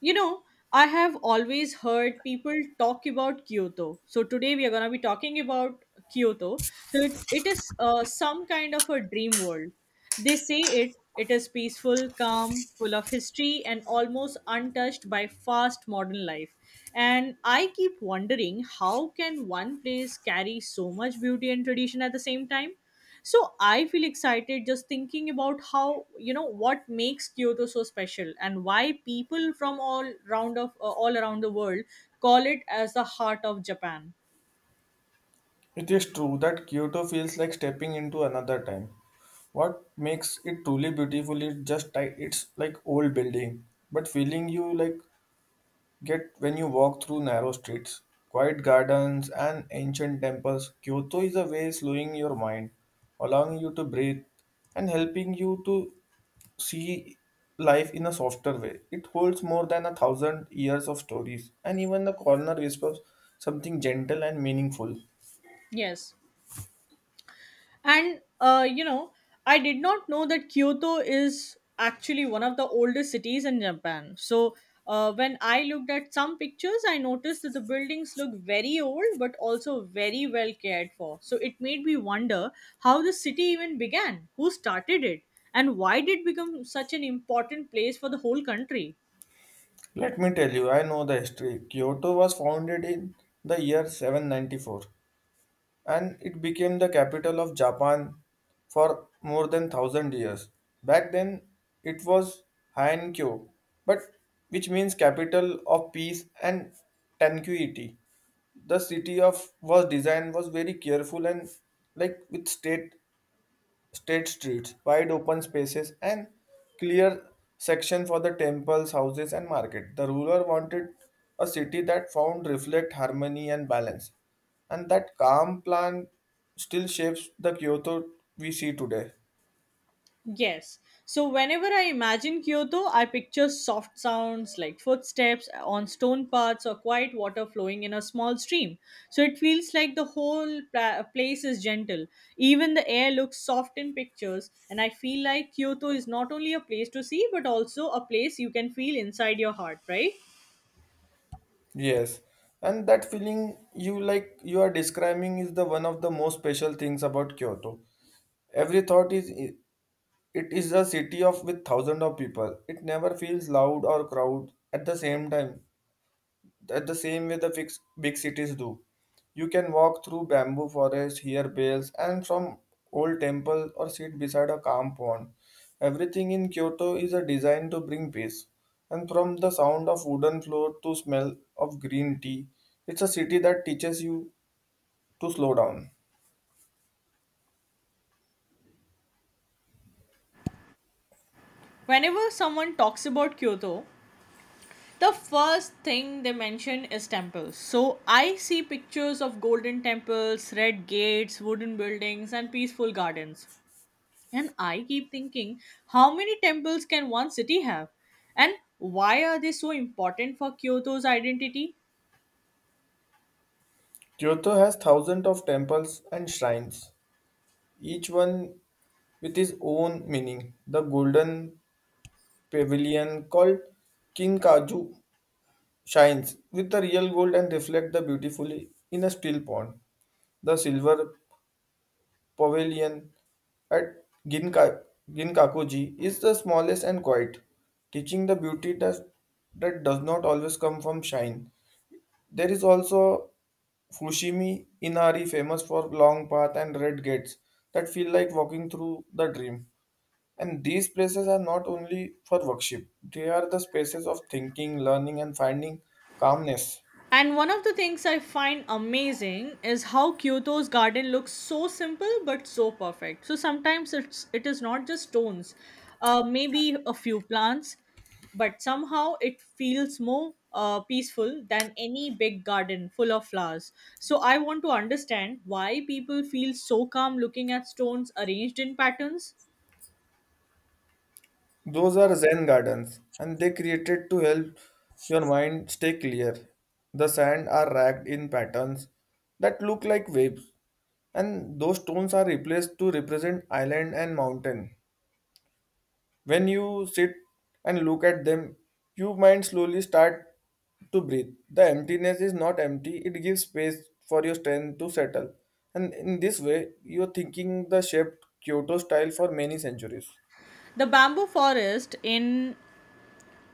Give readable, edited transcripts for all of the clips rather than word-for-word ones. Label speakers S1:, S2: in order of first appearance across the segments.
S1: You know, I have always heard people talk about Kyoto. So today we are going to be talking about Kyoto. So it is some kind of a dream world. They say it is peaceful, calm, full of history and almost untouched by fast modern life. And I keep wondering, how can one place carry so much beauty and tradition at the same time? So I feel excited just thinking about how what makes Kyoto so special and why people from all round of all around the world call it as the heart of Japan.
S2: It is true that Kyoto feels like stepping into another time. What makes it truly beautiful is just it's like old building, but feeling you like get when you walk through narrow streets, quiet gardens, and ancient temples. Kyoto is a way slowing your mind, allowing you to breathe, and helping you to see life in a softer way. It holds more than a thousand years of stories, and even the corner whispers something gentle and meaningful.
S1: Yes. And I did not know that Kyoto is actually one of the oldest cities in Japan. So, when I looked at some pictures, I noticed that the buildings look very old but also very well cared for. So, it made me wonder how the city even began, who started it, and why did it become such an important place for the whole country.
S2: Let me tell you, I know the history. Kyoto was founded in the year 794, and it became the capital of Japan for more than 1,000 years. Back then, it was Hankyo, but which means capital of peace and tranquility. The city of was designed was very careful and like with state streets, wide open spaces, and clear section for the temples, houses, and market. The ruler wanted a city that found reflect harmony and balance, and that calm plan still shapes the Kyoto we see today.
S1: Yes. So whenever I imagine Kyoto, I picture soft sounds like footsteps on stone paths or quiet water flowing in a small stream. So it feels like the whole place is gentle. Even the air looks soft in pictures, and I feel like Kyoto is not only a place to see but also a place you can feel inside your heart, right?
S2: Yes, and that feeling you like you are describing is the one of the most special things about Kyoto. Every thought is it is a city of with thousands of people. It never feels loud or crowd at the same time. At the same way the big cities do. You can walk through bamboo forests, hear bells, and from old temple or sit beside a calm pond. Everything in Kyoto is a design to bring peace. And from the sound of wooden floor to smell of green tea, it's a city that teaches you to slow down.
S1: Whenever someone talks about Kyoto, the first thing they mention is temples. So I see pictures of golden temples, red gates, wooden buildings, and peaceful gardens. And I keep thinking, how many temples can one city have? And why are they so important for Kyoto's identity?
S2: Kyoto has thousands of temples and shrines, each one with its own meaning. The golden pavilion called Kinkaju shines with the real gold and reflect the beautifully in a still pond. The silver pavilion at Ginkakuji is the smallest and quiet, teaching the beauty that does not always come from shine. There is also Fushimi Inari, famous for long path and red gates that feel like walking through the dream. And these places are not only for worship, they are the spaces of thinking, learning, and finding calmness.
S1: And one of the things I find amazing is how Kyoto's garden looks so simple but so perfect. So sometimes it is not just stones, maybe a few plants, but somehow it feels more peaceful than any big garden full of flowers. So I want to understand why people feel so calm looking at stones arranged in patterns.
S2: Those are Zen gardens, and they created to help your mind stay clear. The sand are racked in patterns that look like waves, and those stones are replaced to represent island and mountain. When you sit and look at them, your mind slowly start to breathe. The emptiness is not empty; it gives space for your strength to settle. And in this way, you're thinking the shaped Kyoto style for many centuries.
S1: The bamboo forest in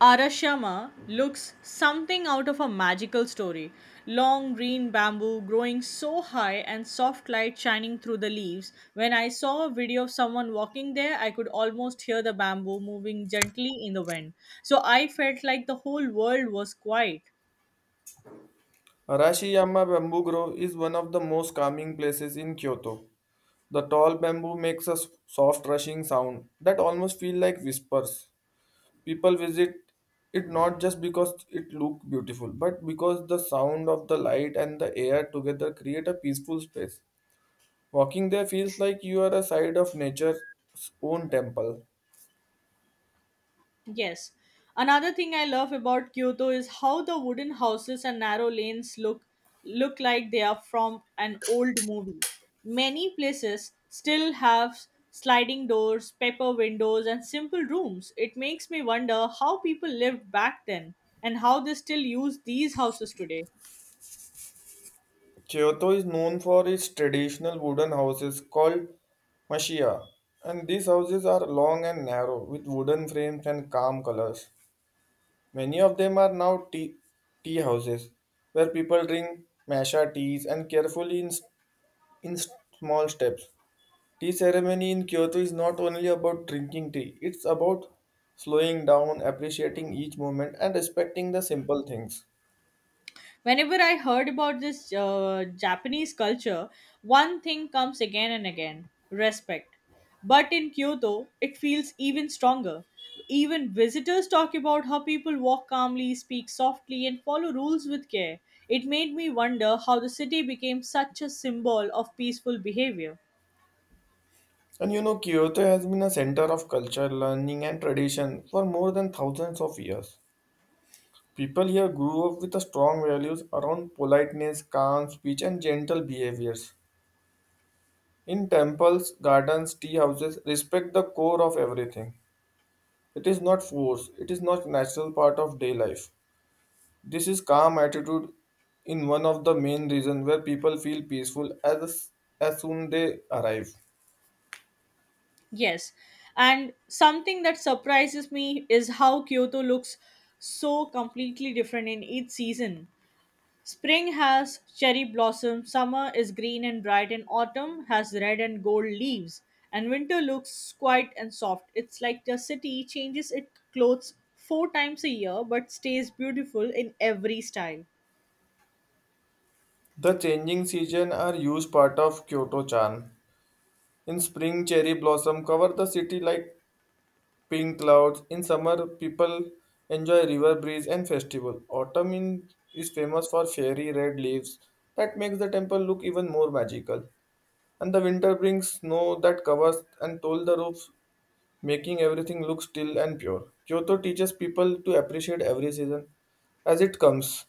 S1: Arashiyama looks something out of a magical story. Long green bamboo growing so high and soft light shining through the leaves. When I saw a video of someone walking there, I could almost hear the bamboo moving gently in the wind. So I felt like the whole world was quiet.
S2: Arashiyama Bamboo Grove is one of the most calming places in Kyoto. The tall bamboo makes a soft rushing sound that almost feel like whispers. People visit it not just because it look beautiful, but because the sound of the light and the air together create a peaceful space. Walking there feels like you are a side of nature's own temple.
S1: Yes. Another thing I love about Kyoto is how the wooden houses and narrow lanes look like they are from an old movie. Many places still have sliding doors, paper windows and simple rooms. It makes me wonder how people lived back then and how they still use these houses today.
S2: Kyoto is known for its traditional wooden houses called mashia, and these houses are long and narrow with wooden frames and calm colors. Many of them are now tea houses where people drink matcha teas and carefully in small steps. Tea ceremony in Kyoto is not only about drinking tea, it's about slowing down, appreciating each moment, and respecting the simple things.
S1: Whenever I heard about this Japanese culture, one thing comes again and again: respect. But in Kyoto it feels even stronger. Even visitors talk about how people walk calmly, speak softly, and follow rules with care. It made me wonder how the city became such a symbol of peaceful behavior.
S2: And you know, Kyoto has been a center of culture, learning, and tradition for more than thousands of years. People here grew up with strong values around politeness, calm speech, and gentle behaviors. In temples, gardens, tea houses, respect the core of everything. It is not force, it is not natural part of day life. This is calm attitude in one of the main reasons where people feel peaceful as soon they arrive.
S1: Yes. And something that surprises me is how Kyoto looks so completely different in each season. Spring has cherry blossoms, summer is green and bright, and autumn has red and gold leaves. And winter looks quiet and soft. It's like the city changes its clothes four times a year but stays beautiful in every style.
S2: The changing season are huge part of Kyoto charm. In spring, cherry blossom cover the city like pink clouds. In summer, people enjoy river breeze and festival. Autumn in, is famous for fiery red leaves that makes the temple look even more magical. And the winter brings snow that covers and toll the roofs, making everything look still and pure. Kyoto teaches people to appreciate every season as it comes.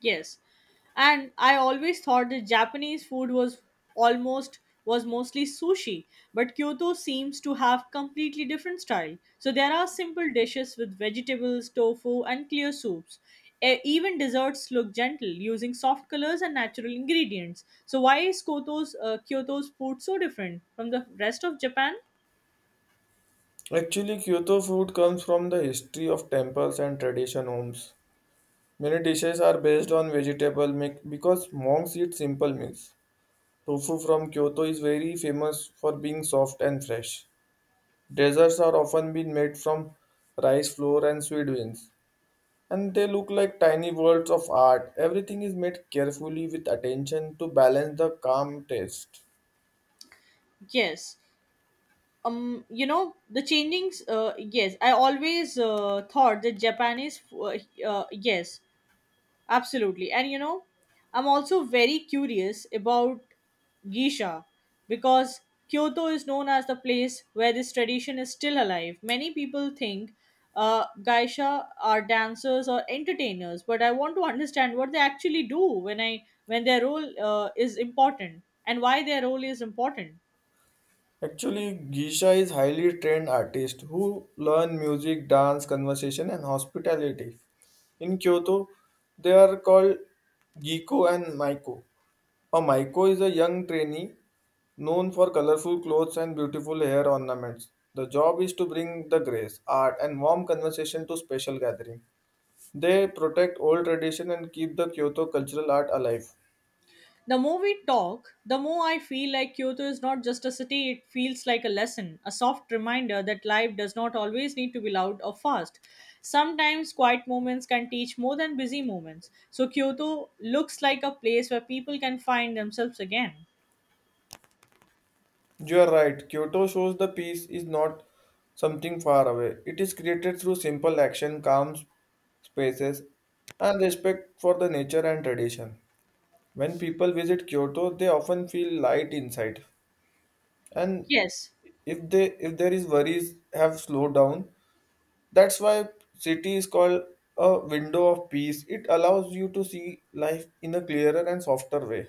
S1: Yes. And I always thought that Japanese food was almost was mostly sushi, but Kyoto seems to have completely different style. So there are simple dishes with vegetables, tofu, and clear soups. Even desserts look gentle, using soft colors and natural ingredients. So why is Kyoto's food so different from the rest of Japan?
S2: Actually, Kyoto food comes from the history of temples and tradition homes. Many dishes are based on vegetable make because monks eat simple meals. Tofu from Kyoto is very famous for being soft and fresh. Desserts are often been made from rice flour and sweet beans, and they look like tiny worlds of art. Everything is made carefully with attention to balance the calm taste.
S1: Yes. um you know, the changings yes, I always thought that uh, yes. Absolutely. And you know, I'm also very curious about Geisha because Kyoto is known as the place where this tradition is still alive. Many people think Geisha are dancers or entertainers, but I want to understand what they actually do when their role is important and why their role is important.
S2: Actually, Geisha is highly trained artist who learn music, dance, conversation, and hospitality. In Kyoto, they are called Giko and Maiko. A Maiko is a young trainee known for colorful clothes and beautiful hair ornaments. The job is to bring the grace, art, and warm conversation to special gathering. They protect old tradition and keep the Kyoto cultural art alive.
S1: The more we talk, the more I feel like Kyoto is not just a city, it feels like a lesson, a soft reminder that life does not always need to be loud or fast. Sometimes quiet moments can teach more than busy moments. So Kyoto looks like a place where people can find themselves again.
S2: You are right. Kyoto shows the peace is not something far away. It is created through simple action, calm spaces, and respect for the nature and tradition. When people visit Kyoto, they often feel light inside, and
S1: Yes.
S2: if they if there is worries have slowed down. That's why city is called a window of peace. It allows you to see life in a clearer and softer way.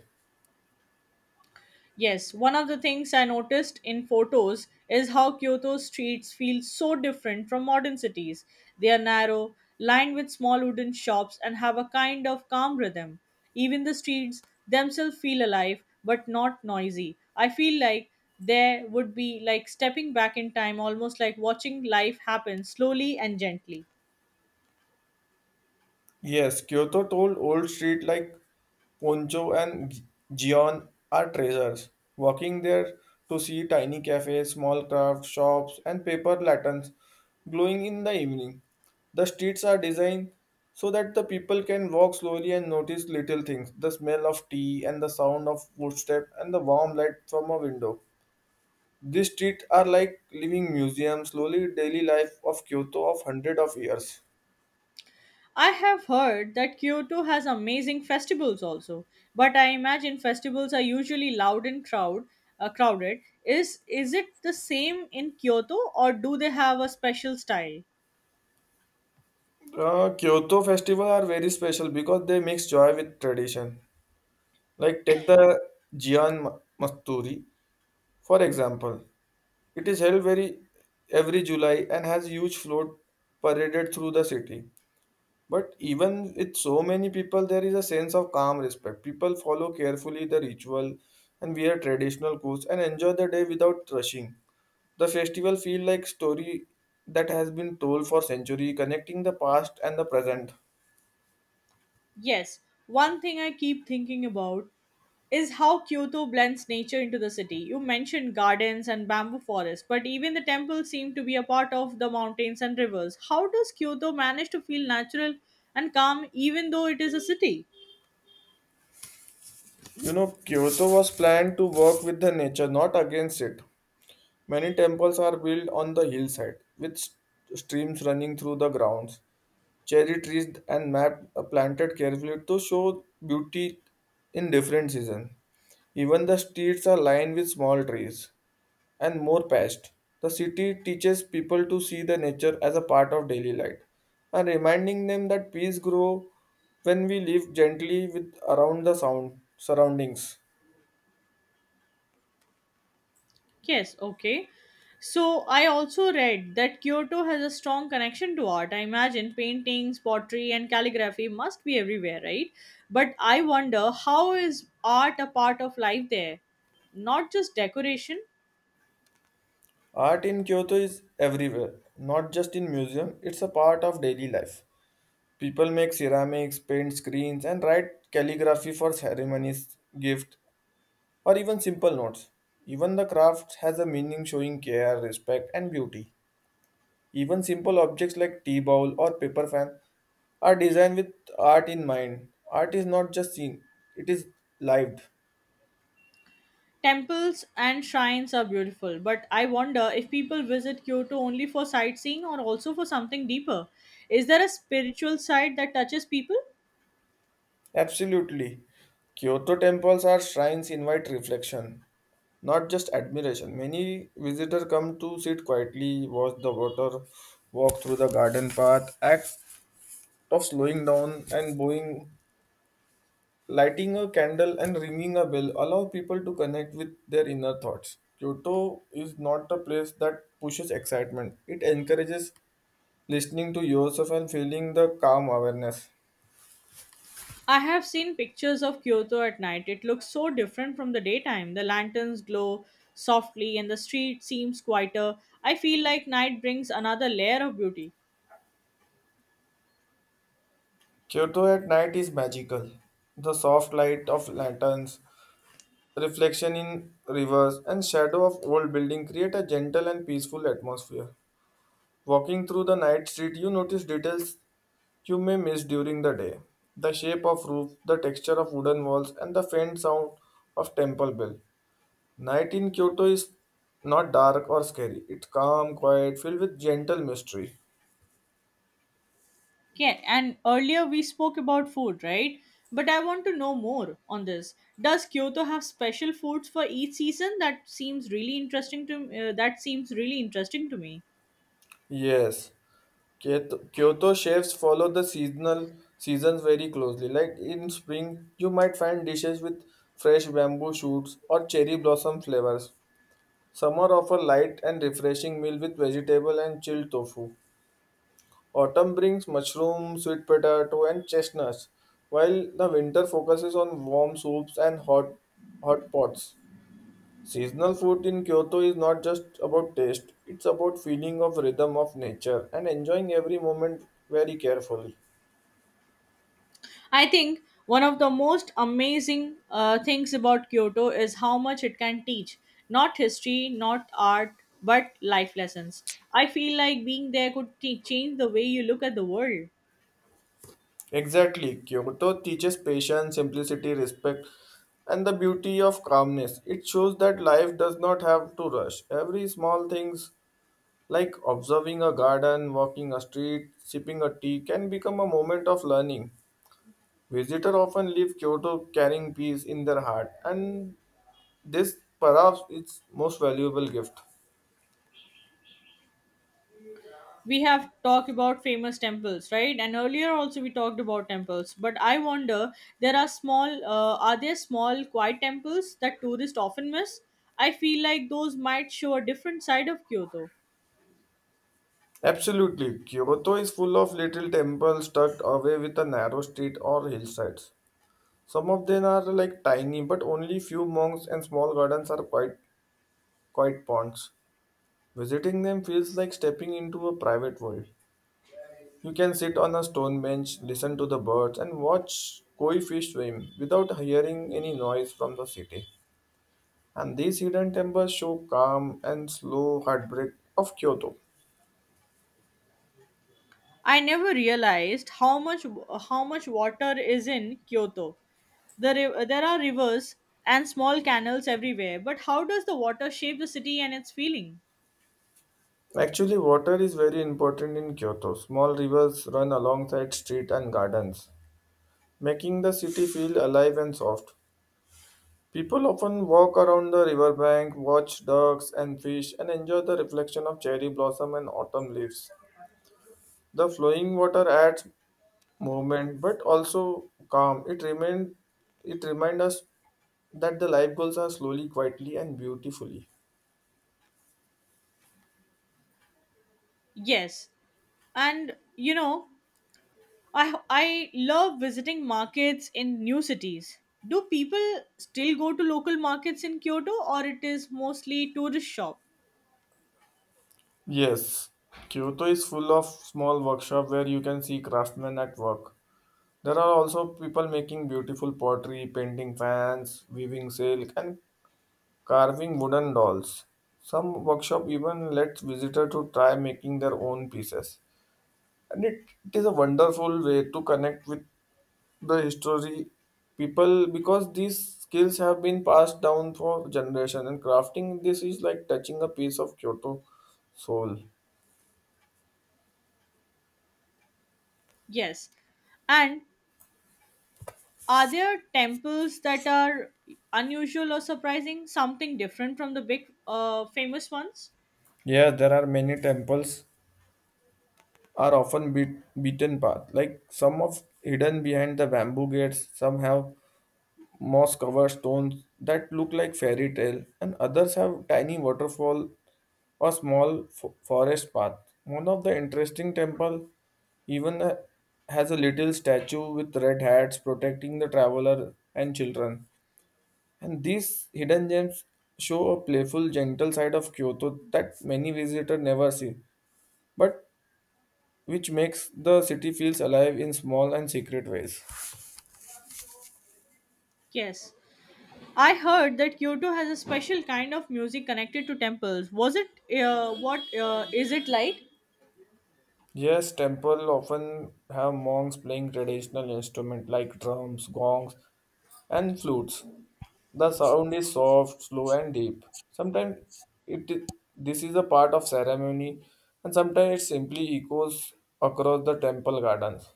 S1: Yes, one of the things I noticed in photos is how Kyoto's streets feel so different from modern cities. They are narrow, lined with small wooden shops, and have a kind of calm rhythm. Even the streets themselves feel alive but not noisy. I feel like there would be like stepping back in time, almost like watching life happen slowly and gently.
S2: Yes, Kyoto told old street like Poncho and Gion are treasures. Walking there to see tiny cafes, small craft shops, and paper lanterns glowing in the evening. The streets are designed so that the people can walk slowly and notice little things the smell of tea and the sound of footsteps and the warm light from a window. These streets are like living museums, slowly daily life of Kyoto of hundreds of years.
S1: I have heard that Kyoto has amazing festivals also, but I imagine festivals are usually loud and crowded. Is it the same in Kyoto or do they have a special style?
S2: Kyoto festival are very special because they mix joy with tradition. Like take the Gion Masturi for example. It is held very every July and has huge float paraded through the city. But even with so many people, there is a sense of calm respect. People follow carefully the ritual and wear traditional clothes and enjoy the day without rushing. The festival feel like story that has been told for century, connecting the past and the present.
S1: Yes, one thing I keep thinking about is how Kyoto blends nature into the city. You mentioned gardens and bamboo forests, but even the temples seem to be a part of the mountains and rivers. How does Kyoto manage to feel natural and calm even though it is a city?
S2: You know, Kyoto was planned to work with the nature, not against it. Many temples are built on the hillside, with streams running through the grounds. Cherry trees and map are planted carefully to show beauty in different seasons. Even the streets are lined with small trees and more past. The city teaches people to see the nature as a part of daily life and reminding them that peace grows when we live gently with around the sound surroundings.
S1: Yes, okay. So I also read that Kyoto has a strong connection to art. I imagine paintings, pottery, and calligraphy must be everywhere, right? But I wonder, how is art a part of life there? Not just decoration.
S2: Art in Kyoto is everywhere, not just in museum, it's a part of daily life. People make ceramics, paint screens and write calligraphy for ceremonies, gift or even simple notes. Even the craft has a meaning showing care, respect and beauty. Even simple objects like tea bowl or paper fan are designed with art in mind. Art is not just seen, it is lived.
S1: Temples and shrines are beautiful, but I wonder if people visit Kyoto only for sightseeing or also for something deeper. Is there a spiritual side that touches people?
S2: Absolutely. Kyoto temples are shrines invite reflection, not just admiration. Many visitors come to sit quietly, watch the water, walk through the garden path, act of slowing down and bowing, lighting a candle and ringing a bell allow people to connect with their inner thoughts. Kyoto is not a place that pushes excitement. It encourages listening to yourself and feeling the calm awareness.
S1: I have seen pictures of Kyoto at night. It looks so different from the daytime. The lanterns glow softly and the street seems quieter. I feel like night brings another layer of beauty.
S2: Kyoto at night is magical. The soft light of lanterns, reflection in rivers, and shadow of old buildings create a gentle and peaceful atmosphere. Walking through the night street, you notice details you may miss during the day. The shape of roof, the texture of wooden walls, and the faint sound of temple bell. Night in Kyoto is not dark or scary. It's calm, quiet, filled with gentle mystery.
S1: Yeah, and earlier we spoke about food, right? But I want to know more on this. Does Kyoto have special foods for each season? That seems really interesting to that seems really interesting to me.
S2: Yes. Kyoto chefs follow the seasonal seasons very closely. Like in spring, you might find dishes with fresh bamboo shoots or cherry blossom flavors. Summer offer light and refreshing meal with vegetable and chilled tofu. Autumn brings mushroom, sweet potato, and chestnuts, while the winter focuses on warm soups and hot pots. Seasonal food in Kyoto is not just about taste, it's about feeling of rhythm of nature and enjoying every moment very carefully.
S1: I think one of the most amazing things about Kyoto is how much it can teach. Not history, not art, but life lessons. I feel like being there could change the way you look at the world.
S2: Exactly. Kyoto teaches patience, simplicity, respect, and the beauty of calmness. It shows that life does not have to rush. Every small things like observing a garden, walking a street, sipping a tea can become a moment of learning. Visitors often leave Kyoto carrying peace in their heart, and this perhaps its most valuable gift.
S1: We have talked about famous temples, right? And earlier also we talked about temples. But I wonder, there are are there small quiet temples that tourists often miss? I feel like those might show a different side of Kyoto.
S2: Absolutely, Kyoto is full of little temples tucked away with a narrow street or hillsides. Some of them are like tiny, but only few monks and small gardens are quite ponds. Visiting them feels like stepping into a private world. You can sit on a stone bench, listen to the birds, and watch koi fish swim without hearing any noise from the city. And these hidden temples show calm and slow heartbreak of Kyoto.
S1: I never realized how much water is in Kyoto. There are rivers and small canals everywhere, but how does the water shape the city and its feeling?
S2: Actually, water is very important in Kyoto. Small rivers run alongside street and gardens, making the city feel alive and soft. People often walk around the riverbank, watch ducks and fish, and enjoy the reflection of cherry blossom and autumn leaves. The flowing water adds movement but also calm. It reminds us that the life goals are slowly, quietly, and beautifully.
S1: Yes, and you know, I love visiting markets in new cities. Do people still go to local markets in Kyoto, or it is mostly tourist shop?
S2: Yes, Kyoto is full of small workshops where you can see craftsmen at work. There are also people making beautiful pottery, painting fans, weaving silk, and carving wooden dolls. Some workshop even lets visitor to try making their own pieces. And it is a wonderful way to connect with the history people because these skills have been passed down for generations and crafting this is like touching a piece of Kyoto soul.
S1: Yes, and are there temples that are unusual or surprising? Something different from the big famous ones?
S2: Yeah, there are many temples are often beaten path. Like some of hidden behind the bamboo gates, some have moss covered stones that look like fairy tale and others have tiny waterfall or small forest path. One of the interesting temple even has a little statue with red hats protecting the traveler and children, and these hidden gems show a playful gentle side of Kyoto that many visitors never see, but which makes the city feels alive in small and secret ways.
S1: Yes. I heard that Kyoto has a special kind of music connected to temples. Was it what is it like?
S2: Yes, temple often have monks playing traditional instruments like drums, gongs, and flutes. The sound is soft, slow, and deep. Sometimes it this is a part of ceremony, and sometimes it simply echoes across the temple gardens.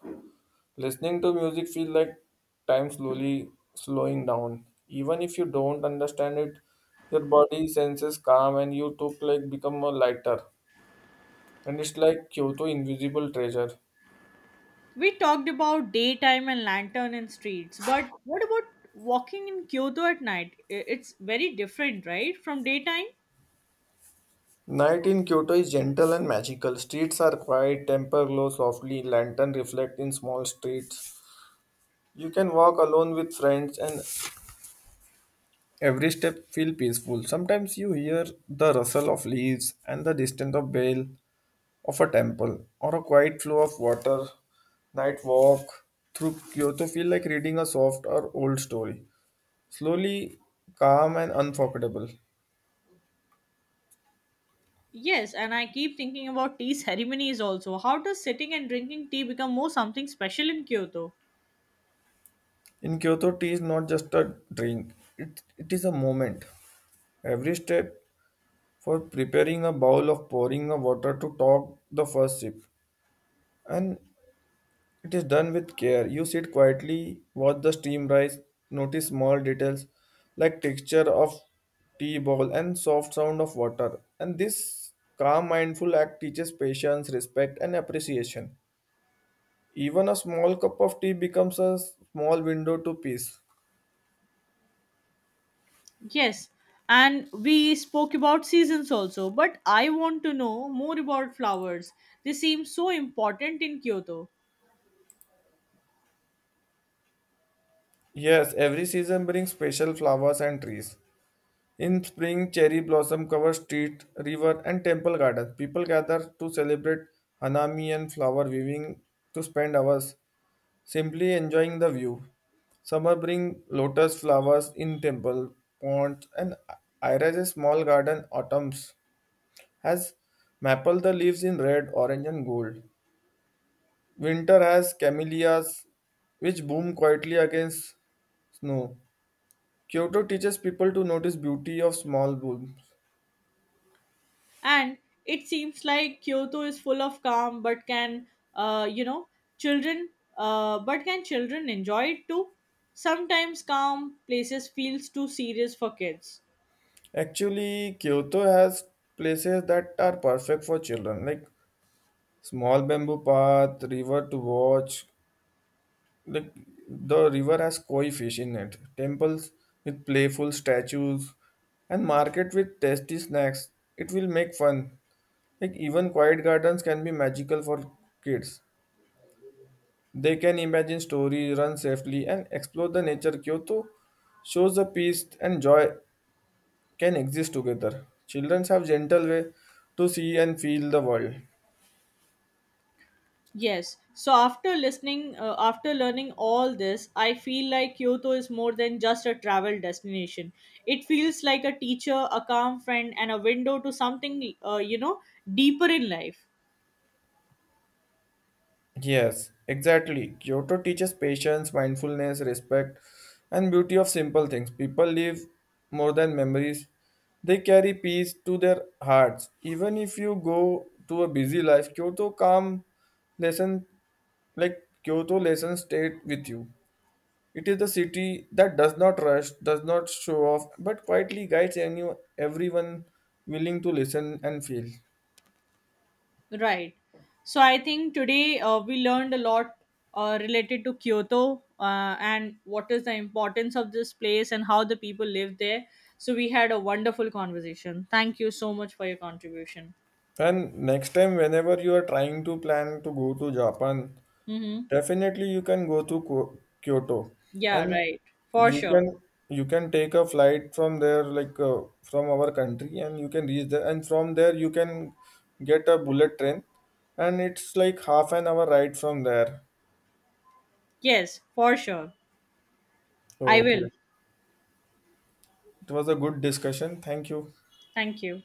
S2: Listening to music feels like time slowly slowing down. Even if you don't understand it, your body senses calm, and you too like become a lighter. And it's like Kyoto invisible treasure.
S1: We talked about daytime and lantern and streets, but what about walking in Kyoto at night? It's very different, right, from daytime?
S2: Night in Kyoto is gentle and magical. Streets are quiet, temper glow softly, lantern reflect in small streets. You can walk alone with friends and every step feel peaceful. Sometimes you hear the rustle of leaves and the distant of bell of a temple or a quiet flow of water. Night walk through Kyoto feel like reading a soft or old story. Slowly calm and unforgettable.
S1: Yes, and I keep thinking about tea ceremonies also. How does sitting and drinking tea become more something special in Kyoto?
S2: In Kyoto, tea is not just a drink, it is a moment. Every step for preparing a bowl of pouring a water to top the first sip, and it is done with care. You sit quietly, watch the steam rise, notice small details like texture of tea ball and soft sound of water, and this calm mindful act teaches patience, respect, and appreciation. Even a small cup of tea becomes a small window to peace.
S1: Yes, and we spoke about seasons also, but I want to know more about flowers. They seem so important in Kyoto,
S2: Yes, every season brings special flowers and trees. In spring, cherry blossom cover street, river, and temple gardens. People gather to celebrate Hanami and flower viewing, to spend hours simply enjoying the view. Summer bring lotus flowers in temple, ponds, and Ira's small garden. Autumns has maple the leaves in red, orange, and gold. Winter has camellias which boom quietly against snow. Kyoto teaches people to notice beauty of small blooms.
S1: and it seems like Kyoto is full of calm, but can you know children but can children enjoy it too? Sometimes calm places feels too serious for kids.
S2: Actually, Kyoto has places that are perfect for children, like small bamboo path, river to watch. Like the river has koi fish in it, temples with playful statues, and market with tasty snacks. It will make fun. Like even quiet gardens can be magical for kids. They can imagine stories, run safely, and explore the nature. Kyoto shows the peace and joy can exist together. Children have gentle way to see and feel the world.
S1: Yes. So after after learning all this, I feel like Kyoto is more than just a travel destination. It feels like a teacher, a calm friend, and a window to something, deeper in life.
S2: Yes, exactly. Kyoto teaches patience, mindfulness, respect, and beauty of simple things. People live more than memories. They carry peace to their hearts. Even if you go to a busy life, lesson Kyoto lessons stay with you. It is the city that does not rush, does not show off, but quietly guides everyone willing to listen and feel.
S1: Right. So I think today we learned a lot related to Kyoto and what is the importance of this place and how the people live there. So we had a wonderful conversation. Thank you so much for your contribution.
S2: And next time, whenever you are trying to plan to go to Japan,
S1: Mm-hmm.
S2: definitely you can go to Kyoto,
S1: Yeah,
S2: and
S1: right. For
S2: you
S1: sure.
S2: can you can take a flight from there, like from our country, and you can reach there. And from there, you can get a bullet train, and it's like half an hour ride from there.
S1: Yes, for sure. I
S2: Okay,
S1: will.
S2: it was a good discussion. Thank you.
S1: Thank you.